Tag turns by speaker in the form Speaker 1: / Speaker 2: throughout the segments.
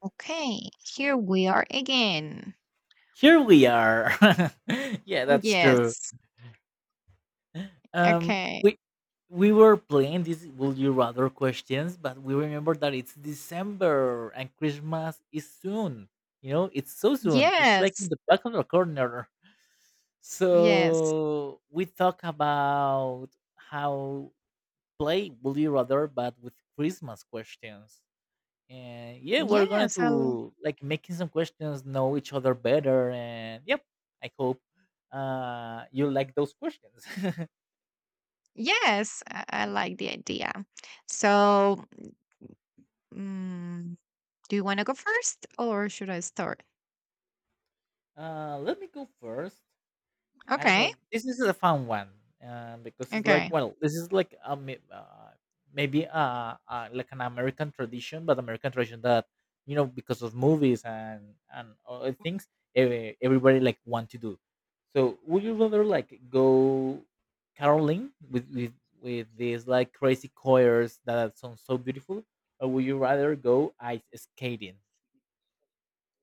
Speaker 1: Okay, here we are again.
Speaker 2: Here we are. Yeah, that's true.
Speaker 1: Yes.
Speaker 2: Um,
Speaker 1: Okay.
Speaker 2: we we were playing these "Would you rather" questions, but we remember that it's December and Christmas is soon. You know, it's so soon. It's like
Speaker 1: Yes.
Speaker 2: in the back of the corner.
Speaker 1: Yes.
Speaker 2: So we talk about how play "Would you rather," but with Christmas questions. And yeah, we're going
Speaker 1: Yes.
Speaker 2: to like making some questions know each other better, and yep, I hope you like those questions.
Speaker 1: Yes. I like the idea. So, mm, do you want to go first or should I start?
Speaker 2: Let me go first. I don't
Speaker 1: Okay.
Speaker 2: know. This is a fun one, because it's like,
Speaker 1: Okay.
Speaker 2: well, this is like a maybe like an American tradition, but American tradition that because of movies and other things, everybody like want to do. So would you rather like go caroling with these like crazy choirs that sound so beautiful, or would you rather go ice skating?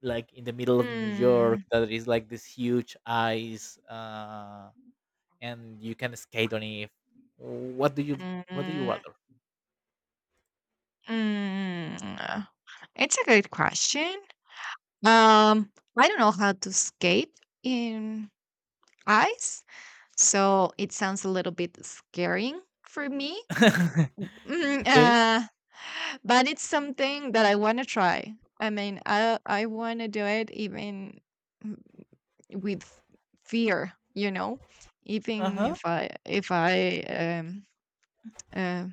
Speaker 2: Like in the middle of New York,
Speaker 1: Mm,
Speaker 2: that is like this huge ice, and you can skate on it. What do you What do you
Speaker 1: mm,
Speaker 2: rather?
Speaker 1: mm. It's a good question. Um, I don't know how to skate in ice, so it sounds a little bit scaring for me. Mm,
Speaker 2: Okay.
Speaker 1: uh, but it's something that I want to try. I mean, I want to do it even mm, with fear, you know, even
Speaker 2: Uh
Speaker 1: if I uh,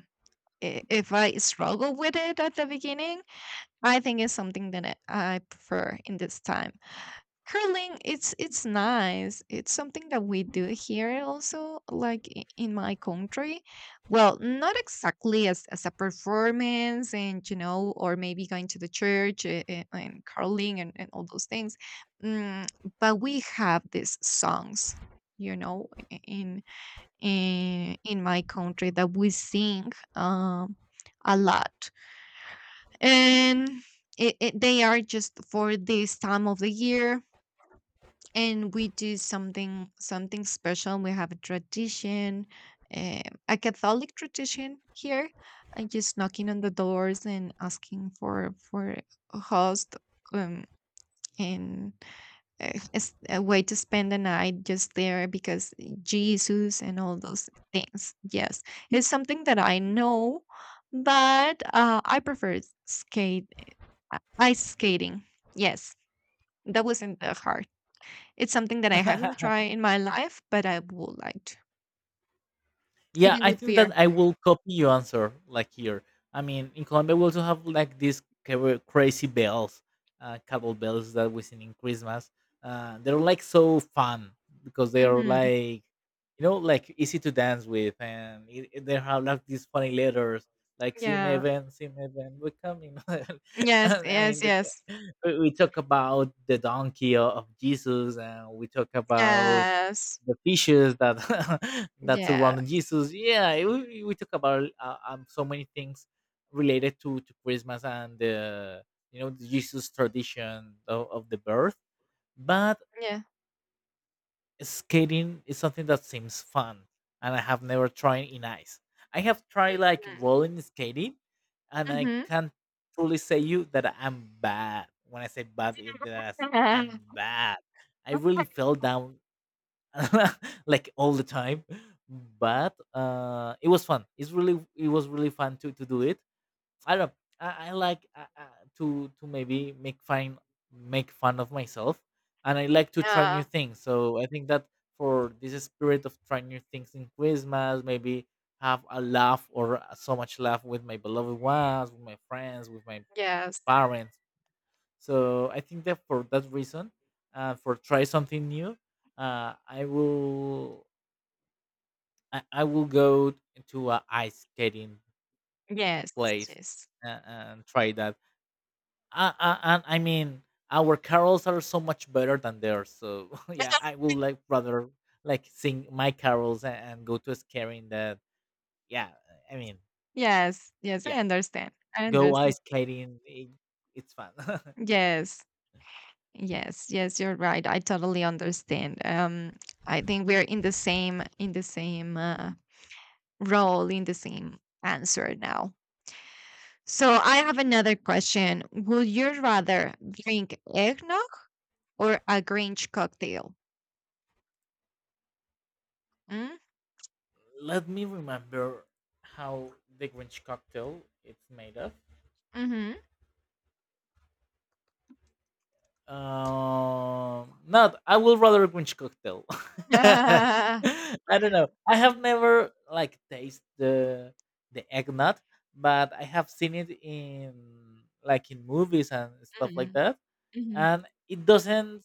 Speaker 1: if I struggle with it at the beginning, I think it's something that I prefer in this time. Curling, it's nice. It's something that we do here also, like in my country. Well, not exactly as a performance and, you know, or maybe going to the church and curling and all those things. Mm, but we have these songs, you know, in my country that we sing a lot. And they are just for this time of the year, and we do something special. We have a tradition, eh, a Catholic tradition here, and just knocking on the doors and asking for a host, um, and as a way to spend the night just there, because Jesus and all those things. Yes, it's something that I know, but I prefer skate, ice skating, yes. That was in the heart. It's something that I
Speaker 2: huh.
Speaker 1: haven't tried in my life, but I would like to,
Speaker 2: Yeah,
Speaker 1: even
Speaker 2: I
Speaker 1: with
Speaker 2: think that
Speaker 1: fear.
Speaker 2: I will copy your answer. Like here, I mean, in Colombia we also have like these crazy bells, cattle bells that we sing in Christmas. They're like so fun because they are
Speaker 1: Mhm.
Speaker 2: like, like easy to dance with, and they have like these funny letters, like "See See me,
Speaker 1: Yeah.
Speaker 2: even, see me, Simeven, we're coming."
Speaker 1: Yes,
Speaker 2: And, I mean,
Speaker 1: yes, yes.
Speaker 2: we talk about the donkey of Jesus, and we talk about
Speaker 1: Yes.
Speaker 2: the fishes that that
Speaker 1: Yeah,
Speaker 2: surrounded Jesus. Yeah, we talk about so many things related to Christmas and the the Jesus tradition of the birth. But
Speaker 1: yeah.
Speaker 2: skating is something that seems fun, and I have never tried in ice. I have tried like rolling skating, and I
Speaker 1: Mhm.
Speaker 2: can't truly say you that I'm bad. When I say bad, it that I'm
Speaker 1: Mhm.
Speaker 2: bad. I really fell down like all the time, but it was fun. It was really fun to do it. I don't know, I like to maybe make fun of myself, and I like to try new
Speaker 1: Yeah.
Speaker 2: things, so I think that for this spirit of trying new things in Christmas, maybe have a laugh or, so much laugh with my beloved ones, with my friends, with my
Speaker 1: Yes.
Speaker 2: parents. So I think that for that reason, for try something new, uh, I will I will go to a ice skating
Speaker 1: Yes,
Speaker 2: place,
Speaker 1: yes.
Speaker 2: and try that. And I mean, our carols are so much better than theirs. So yeah, I will like rather like sing my carols, and go to a skating. That Yeah, I mean,
Speaker 1: Yes, yes, I
Speaker 2: yeah,
Speaker 1: understand. I
Speaker 2: go
Speaker 1: understand.
Speaker 2: ice skating. It's fun.
Speaker 1: Yes. Yes, yes, you're right. I totally understand. I think we're in the same role, in the same answer now. So I have another question. Would you rather drink eggnog or a Grinch cocktail? Mm?
Speaker 2: Let me remember how the Grinch cocktail it's made of.
Speaker 1: Mm-hmm.
Speaker 2: Not. I will rather Grinch cocktail. I don't know. I have never like taste the egg nut, but I have seen it in like in movies and stuff like
Speaker 1: Mm-hmm.
Speaker 2: that,
Speaker 1: Hmm.
Speaker 2: and it doesn't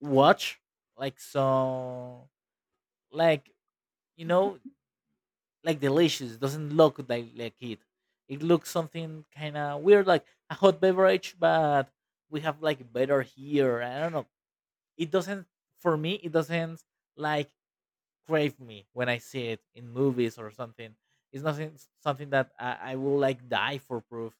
Speaker 2: watch like so like you know like delicious. Doesn't look like it. It looks something kind of weird, like a hot beverage, but we have like better here. I don't know, it doesn't, for me it doesn't, like, crave me when I see it in movies or something. It's nothing, something that I will like die for proof.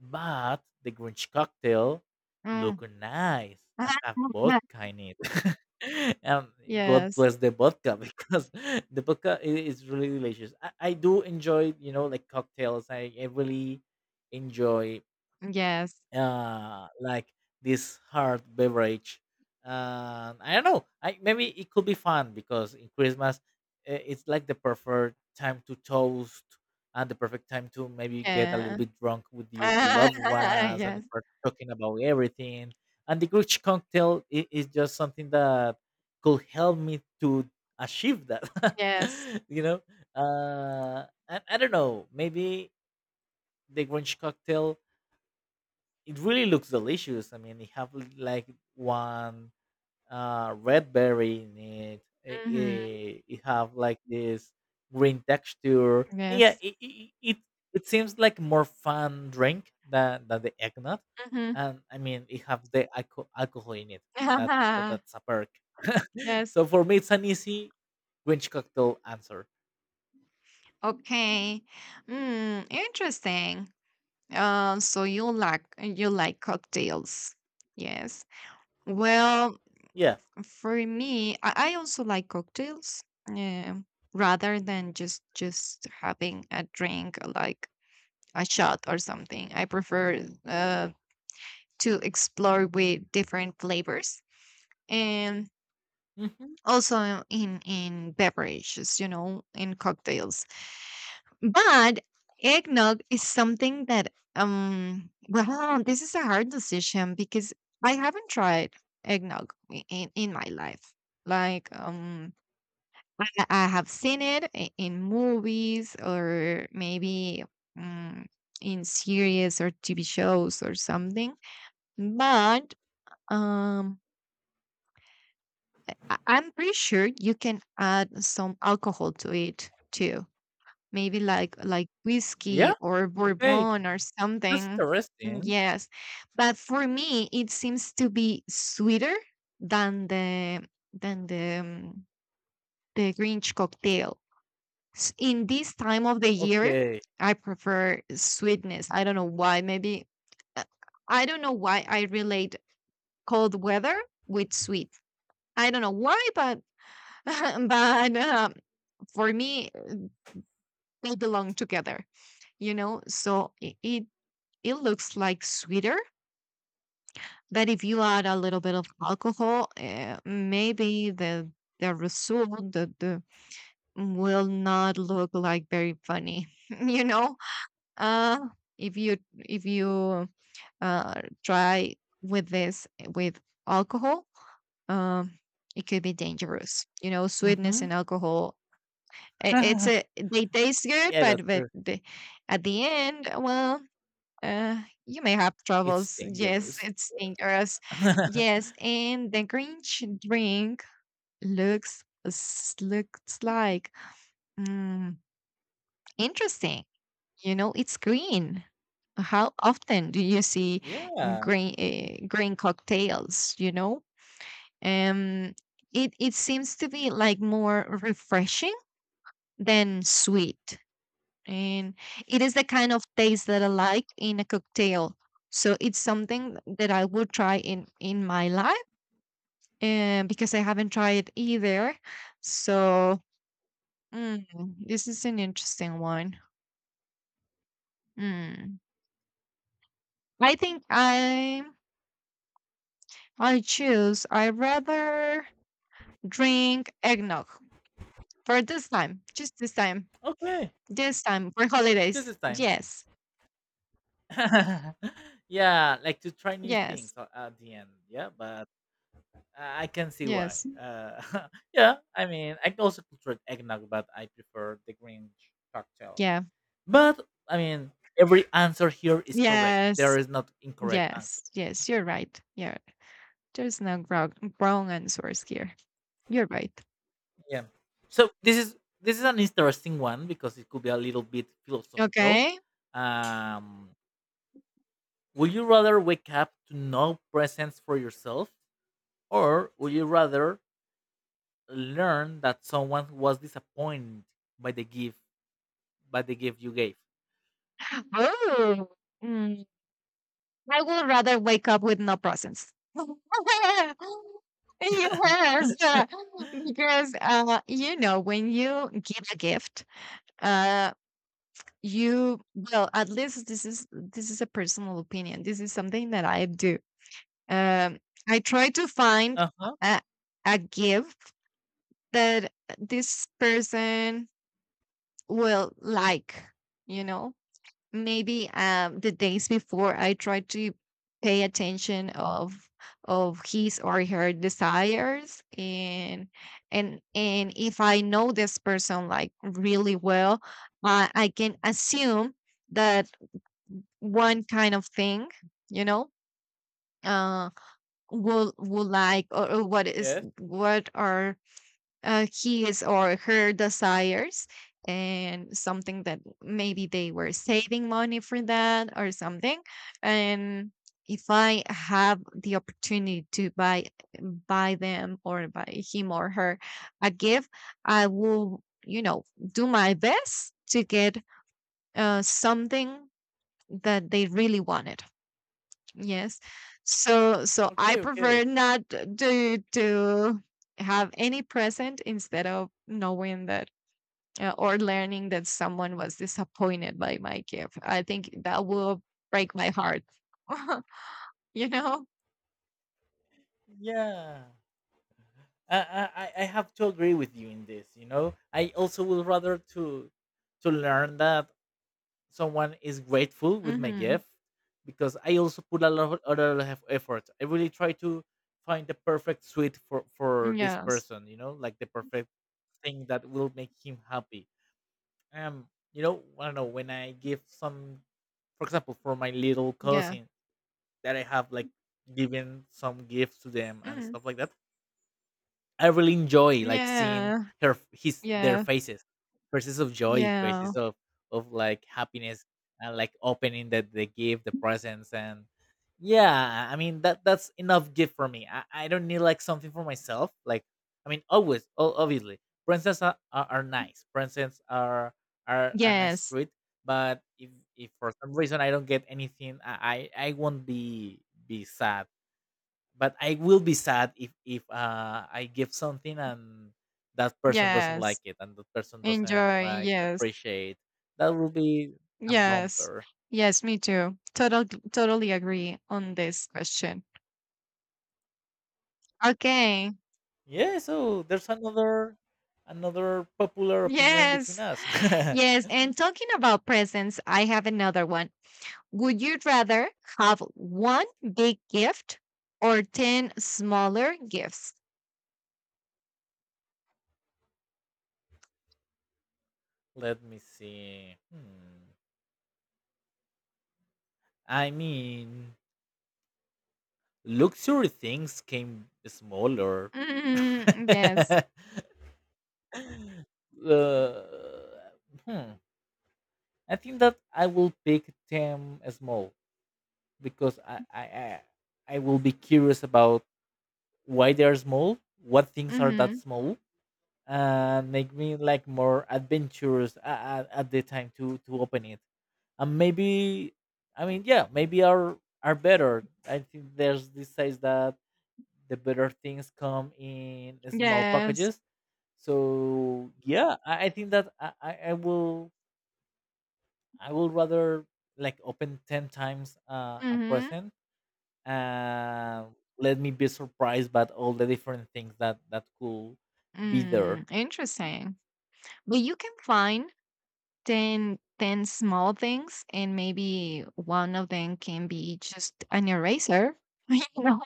Speaker 2: But the Grinch cocktail
Speaker 1: Mm.
Speaker 2: look nice. I have vodka in it. And God
Speaker 1: Yes.
Speaker 2: bless the vodka, because the vodka is really delicious. I do enjoy, like, cocktails. I really enjoy,
Speaker 1: Yes.
Speaker 2: like, this hard beverage. I don't know, I maybe it could be fun, because in Christmas, it's like the perfect time to toast, and the perfect time to maybe get a little
Speaker 1: Yeah.
Speaker 2: bit drunk with your
Speaker 1: Ah,
Speaker 2: beloved ones and
Speaker 1: yes,
Speaker 2: start talking about everything. And the Grinch cocktail is just something that could help me to achieve that.
Speaker 1: yes.
Speaker 2: you know and I don't know, maybe the Grinch cocktail, it really looks delicious. I mean, they have like one red berry in it. It,
Speaker 1: Mhm.
Speaker 2: it. it have like this green texture. And yeah,
Speaker 1: Yes.
Speaker 2: it seems like more fun drink than the eggnog.
Speaker 1: Mhm.
Speaker 2: And I mean, it have the alcohol in it. That, that that's a perk.
Speaker 1: Yes.
Speaker 2: So for me, it's an easy Grinch cocktail answer.
Speaker 1: Okay. Mm, interesting. So you like cocktails. Yes. Well,
Speaker 2: Yeah.
Speaker 1: for me, I also like cocktails. Yeah. Rather than just having a drink like a shot or something. I prefer to explore with different flavors. And
Speaker 2: Hmm.
Speaker 1: also in beverages, you know, in cocktails, but eggnog is something that, well, this is a hard decision because I haven't tried eggnog in my life, like, I have seen it in movies or maybe um, in series or TV shows or something, but um I- I'm pretty sure you can add some alcohol to it too. Maybe like whiskey
Speaker 2: Yeah.
Speaker 1: or
Speaker 2: Okay.
Speaker 1: bourbon or
Speaker 2: That's
Speaker 1: something.
Speaker 2: interesting.
Speaker 1: Yes. But for me it seems to be sweeter than the than the um, the Grinch cocktail. In this time of the year,
Speaker 2: Okay.
Speaker 1: I prefer sweetness. I don't know why. Maybe uh, I don't know why I relate cold weather with sweet. I don't know why, but but for me they belong together, you know, so it looks like sweeter. But if you add a little bit of alcohol, maybe the result, the, will not look like very funny. You know, uh, if you try with this with alcohol, um, it could be dangerous. You know, sweetness
Speaker 2: Hmm.
Speaker 1: and alcohol. It's a, they taste good,
Speaker 2: Yeah, that's
Speaker 1: but
Speaker 2: true.
Speaker 1: the, at the end, well, Uh, you may have
Speaker 2: It's
Speaker 1: troubles. Yes,
Speaker 2: dangerous.
Speaker 1: it's dangerous. Yes, and the Grinch drink looks looks like, mm, interesting. You know, it's green. How often do you see
Speaker 2: Yeah.
Speaker 1: green green cocktails? You know, um, it seems to be like more refreshing than sweet, and it is the kind of taste that I like in a cocktail. So it's something that I would try in my life, and because I haven't tried it either, so, mm, this is an interesting one. Mm. I think I choose. I rather drink eggnog for this time, just
Speaker 2: Okay.
Speaker 1: this time for
Speaker 2: Just
Speaker 1: holidays.
Speaker 2: this time.
Speaker 1: Yes,
Speaker 2: Yeah, like to try new things
Speaker 1: yes,
Speaker 2: at the end. Yeah, but I can see why.
Speaker 1: yes,
Speaker 2: Yeah, I mean, I can also could eggnog, but I prefer the green cocktail.
Speaker 1: yeah,
Speaker 2: But I mean, every answer here is correct. There
Speaker 1: yes,
Speaker 2: is not incorrect
Speaker 1: yes,
Speaker 2: answer.
Speaker 1: yes. You're right. Yeah. There's no grog wrong answers here. You're right.
Speaker 2: Yeah. So this is, an interesting one, because it could be a little bit philosophical.
Speaker 1: Okay.
Speaker 2: Um, Would you rather wake up to no presents for yourself, or would you rather learn that someone was disappointed by the gift, you gave?
Speaker 1: Oh, Mm, I would rather wake up with no presents. Yes. Because, you know, when you give a gift, uh, you, well, at least this is a personal opinion. This is something that I do. Um, I try to find
Speaker 2: Uh huh.
Speaker 1: a, a gift that this person will like. You know, maybe the days before I try to pay attention of his or her desires, and and if I know this person like really well, I can assume that one kind of thing, you know, uh, will like, or what is
Speaker 2: Yes.
Speaker 1: what are his or her desires, and something that maybe they were saving money for that or something. And if I have the opportunity to buy, buy them or buy him or her a gift, I will, you know, do my best to get something that they really wanted. Yes. So I
Speaker 2: Okay. Okay.
Speaker 1: prefer not to have any present instead of knowing that, or learning that someone was disappointed by my gift. I think that will break my heart. You know?
Speaker 2: Yeah. I have to agree with you in this. You know, I also would rather to learn that someone is grateful with my
Speaker 1: Mhm.
Speaker 2: gift, because I also put a lot of other effort. I really try to find the perfect suite for this
Speaker 1: Yes.
Speaker 2: person, like the perfect thing that will make him happy. I don't know, when I give some, for example, for my little
Speaker 1: Yeah.
Speaker 2: cousin that I have like given some gifts to them and
Speaker 1: Mhm.
Speaker 2: stuff like that. I really enjoy like seeing
Speaker 1: Yeah.
Speaker 2: her, his, their
Speaker 1: Yeah.
Speaker 2: faces, faces of joy, faces
Speaker 1: Yeah.
Speaker 2: of like happiness, and like opening that they give the presents. And yeah, I mean, that's enough gift for me. I don't need like something for myself. Like, I mean, always, obviously, presents are, nice. Presents are, a nice
Speaker 1: Yes.
Speaker 2: treat. But if for some reason I don't get anything, I won't be sad, but I will be sad if, I give something, and that person doesn't like
Speaker 1: Yes.
Speaker 2: it, and that person doesn't
Speaker 1: Enjoy.
Speaker 2: like
Speaker 1: Yes.
Speaker 2: appreciate. That will be a
Speaker 1: Yes.
Speaker 2: bumper.
Speaker 1: Yes, me too. Totally agree on this question. Okay.
Speaker 2: Yeah. So there's another, popular opinion between
Speaker 1: Yes.
Speaker 2: us.
Speaker 1: Yes. And talking about presents, I have another one. Would you rather have one big gift or 10 smaller gifts?
Speaker 2: Let me see. Hmm. I mean, luxury things came smaller.
Speaker 1: Yes.
Speaker 2: uh, hmm. I think that I will pick them small, because I will be curious about why they are small, what things are that
Speaker 1: Hmm.
Speaker 2: small, and make me like more adventurous at the time to open it. And maybe, I mean, yeah, maybe are better. I think there's this says that the better things come in small
Speaker 1: Yes.
Speaker 2: packages. So yeah, I think that I will rather like open ten times, a
Speaker 1: Hmm.
Speaker 2: present, uh, let me be surprised by all the different things that could be there.
Speaker 1: Mm, interesting. But you can find 10 small things, and maybe one of them can be just an eraser. You know?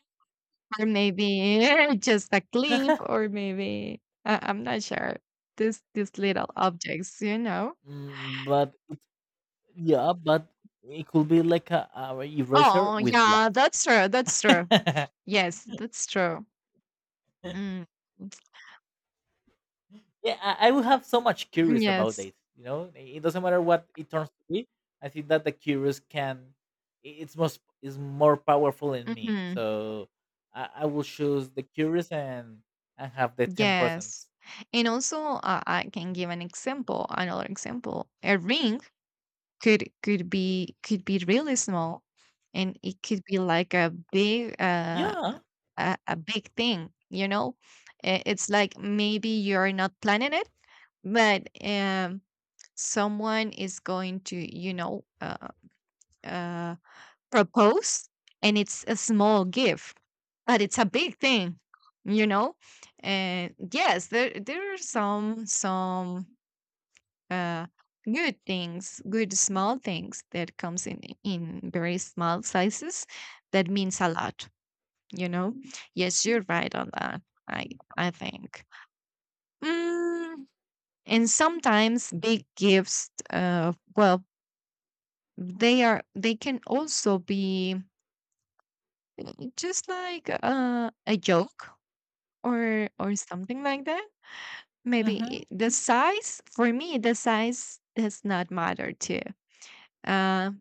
Speaker 1: Or maybe just a clip, or maybe I I'm not sure. These little objects, you know.
Speaker 2: Mm, but it, yeah, but it could be like a eraser
Speaker 1: Oh
Speaker 2: with love.
Speaker 1: yeah, that's true, that's true.
Speaker 2: Yeah,
Speaker 1: Yes, that's true. Mm,
Speaker 2: I will have so much curious about
Speaker 1: yes.
Speaker 2: it. You know, it doesn't matter what it turns to be. I think that the curious can, it's most is more powerful in me.
Speaker 1: Hmm.
Speaker 2: So I will choose the curious, and have the 10%.
Speaker 1: Yes, and also I can give an example, another example, a ring could be really small, and it could be like
Speaker 2: Yeah.
Speaker 1: a big thing, you know. I- it's like maybe you're not planning it, but someone is going to, you know, uh propose, and it's a small gift but it's a big thing, you know. And yes, there are some uh good things, good small things, that comes in very small sizes, that means a lot, you know. Yes, you're right on that. I i think, mm, and sometimes big gifts, well, they are, they can also be just like a joke, or something like that. Maybe
Speaker 2: Mm-hmm.
Speaker 1: it- the size, for me the size does not matter too, uh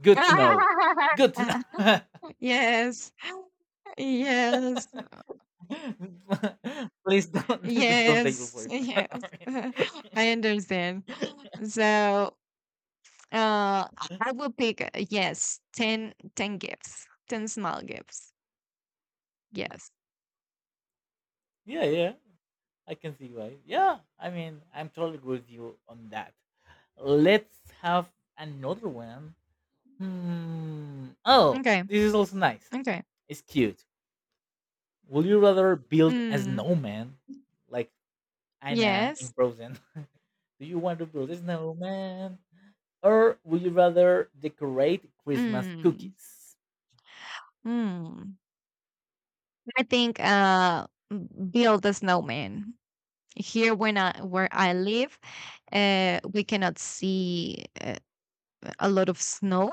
Speaker 2: Good to know. Good to know.
Speaker 1: yes yes.
Speaker 2: Please don't please don't take your
Speaker 1: Yes,
Speaker 2: boyfriend. I
Speaker 1: yes.
Speaker 2: mean,
Speaker 1: I understand. So, I will pick, yes, 10 gifts, 10 small gifts. Yes.
Speaker 2: yeah, yeah. I can see why. Yeah, I mean, I'm totally agree with you on that. Let's have another one. Hmm. Oh,
Speaker 1: Okay.
Speaker 2: this is also nice.
Speaker 1: Okay.
Speaker 2: It's cute. Would you rather build a
Speaker 1: Mm,
Speaker 2: snowman like Anna in
Speaker 1: yes.
Speaker 2: Frozen? Do you want to build a snowman? Or would you rather decorate Christmas
Speaker 1: Mm,
Speaker 2: cookies?
Speaker 1: mm. I think, build a snowman. Here, when I, where I live, we cannot see a lot of snow.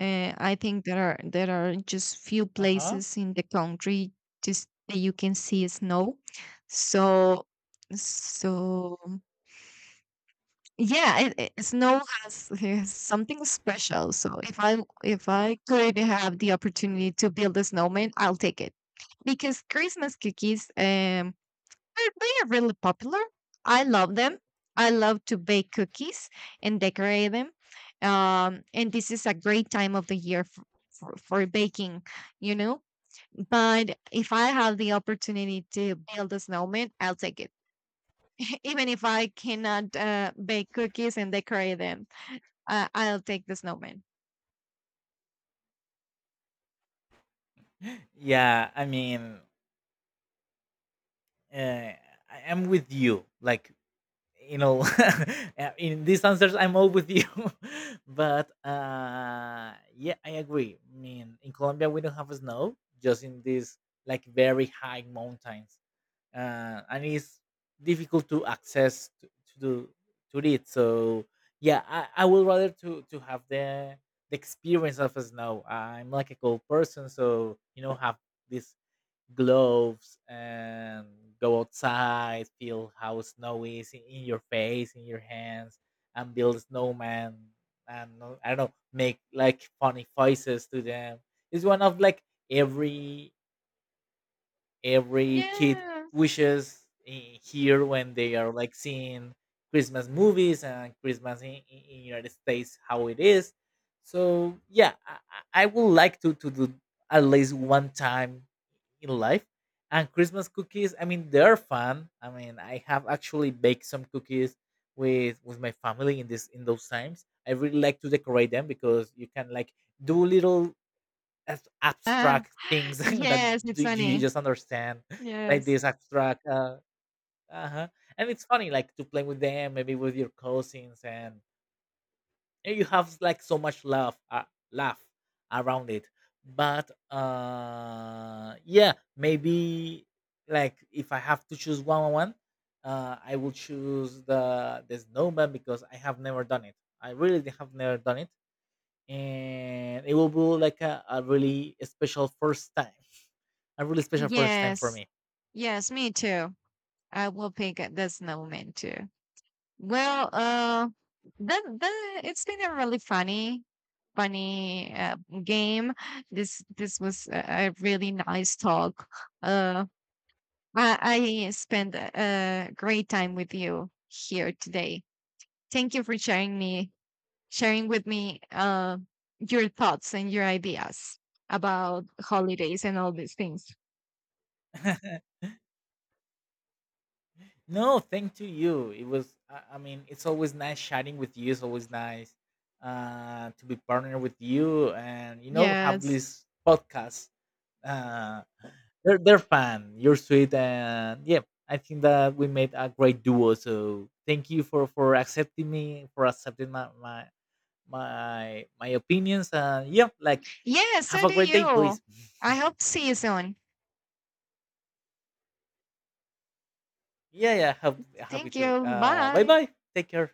Speaker 1: I think there are just few
Speaker 2: Uh huh.
Speaker 1: places in the country just that you can see snow. So so yeah, snow has something special. So if I could have the opportunity to build a snowman, I'll take it, because Christmas cookies, they are really popular. I love them. I love to bake cookies and decorate them. And this is a great time of the year for baking, you know. But if I have the opportunity to build a snowman, I'll take it. Even if I cannot bake cookies and decorate them, I'll take the snowman.
Speaker 2: Yeah, I mean, uh, I am with you. Like, you know, in these answers, I'm all with you. But yeah, I agree. I mean, in Colombia, we don't have snow, just in these like very high mountains, and it's difficult to access to it. So yeah, I would rather to have the experience of a snow. I'm like a cold person, so have this gloves and go outside, feel how snow is in your face, in your hands, and build a snowman. And I don't know, make like funny faces to them. It's one of like every every kid
Speaker 1: Yes.
Speaker 2: wishes in here when they are like seeing Christmas movies and Christmas in, in United States how it is. So yeah, I would like to do at least one time in life. And Christmas cookies, I mean, they're fun. I mean, I have actually baked some cookies with my family in this, in those times. I really like to decorate them, because you can like do little as
Speaker 1: Uh,
Speaker 2: abstract things that
Speaker 1: yes, it's
Speaker 2: do you
Speaker 1: sunny.
Speaker 2: just understand like
Speaker 1: Yes.
Speaker 2: this abstract, uh-huh, and it's funny like to play with them, maybe with your cousins, and you have like so much love, laugh around it. But yeah, maybe, like, if I have to choose one on one, I will choose the snowman, because I have never done it. I really have never done it, and it will be like a really special first time, for
Speaker 1: Yes.
Speaker 2: me.
Speaker 1: Yes, me too. I will pick the snowman too. Well, the it's been a really funny, funny game. This was a really nice talk. Uh, I, I spent a great time with you here today. Thank you for sharing me, sharing with me your thoughts and your ideas about holidays and all these things.
Speaker 2: No, thank to you. It was, I mean, it's always nice chatting with you. It's always nice, to be partnered with you, and have
Speaker 1: Yes,
Speaker 2: this podcast, uh, they're fun, you're sweet, and yeah, I think that we made a great duo. So thank you for accepting me, for accepting my opinions, and yeah, like,
Speaker 1: yes,
Speaker 2: have
Speaker 1: so
Speaker 2: a
Speaker 1: do
Speaker 2: great day,
Speaker 1: you.
Speaker 2: please.
Speaker 1: I hope to see you soon.
Speaker 2: Yeah, yeah. Happy
Speaker 1: Thank
Speaker 2: to.
Speaker 1: you.
Speaker 2: Bye
Speaker 1: Bye.
Speaker 2: bye. Take care.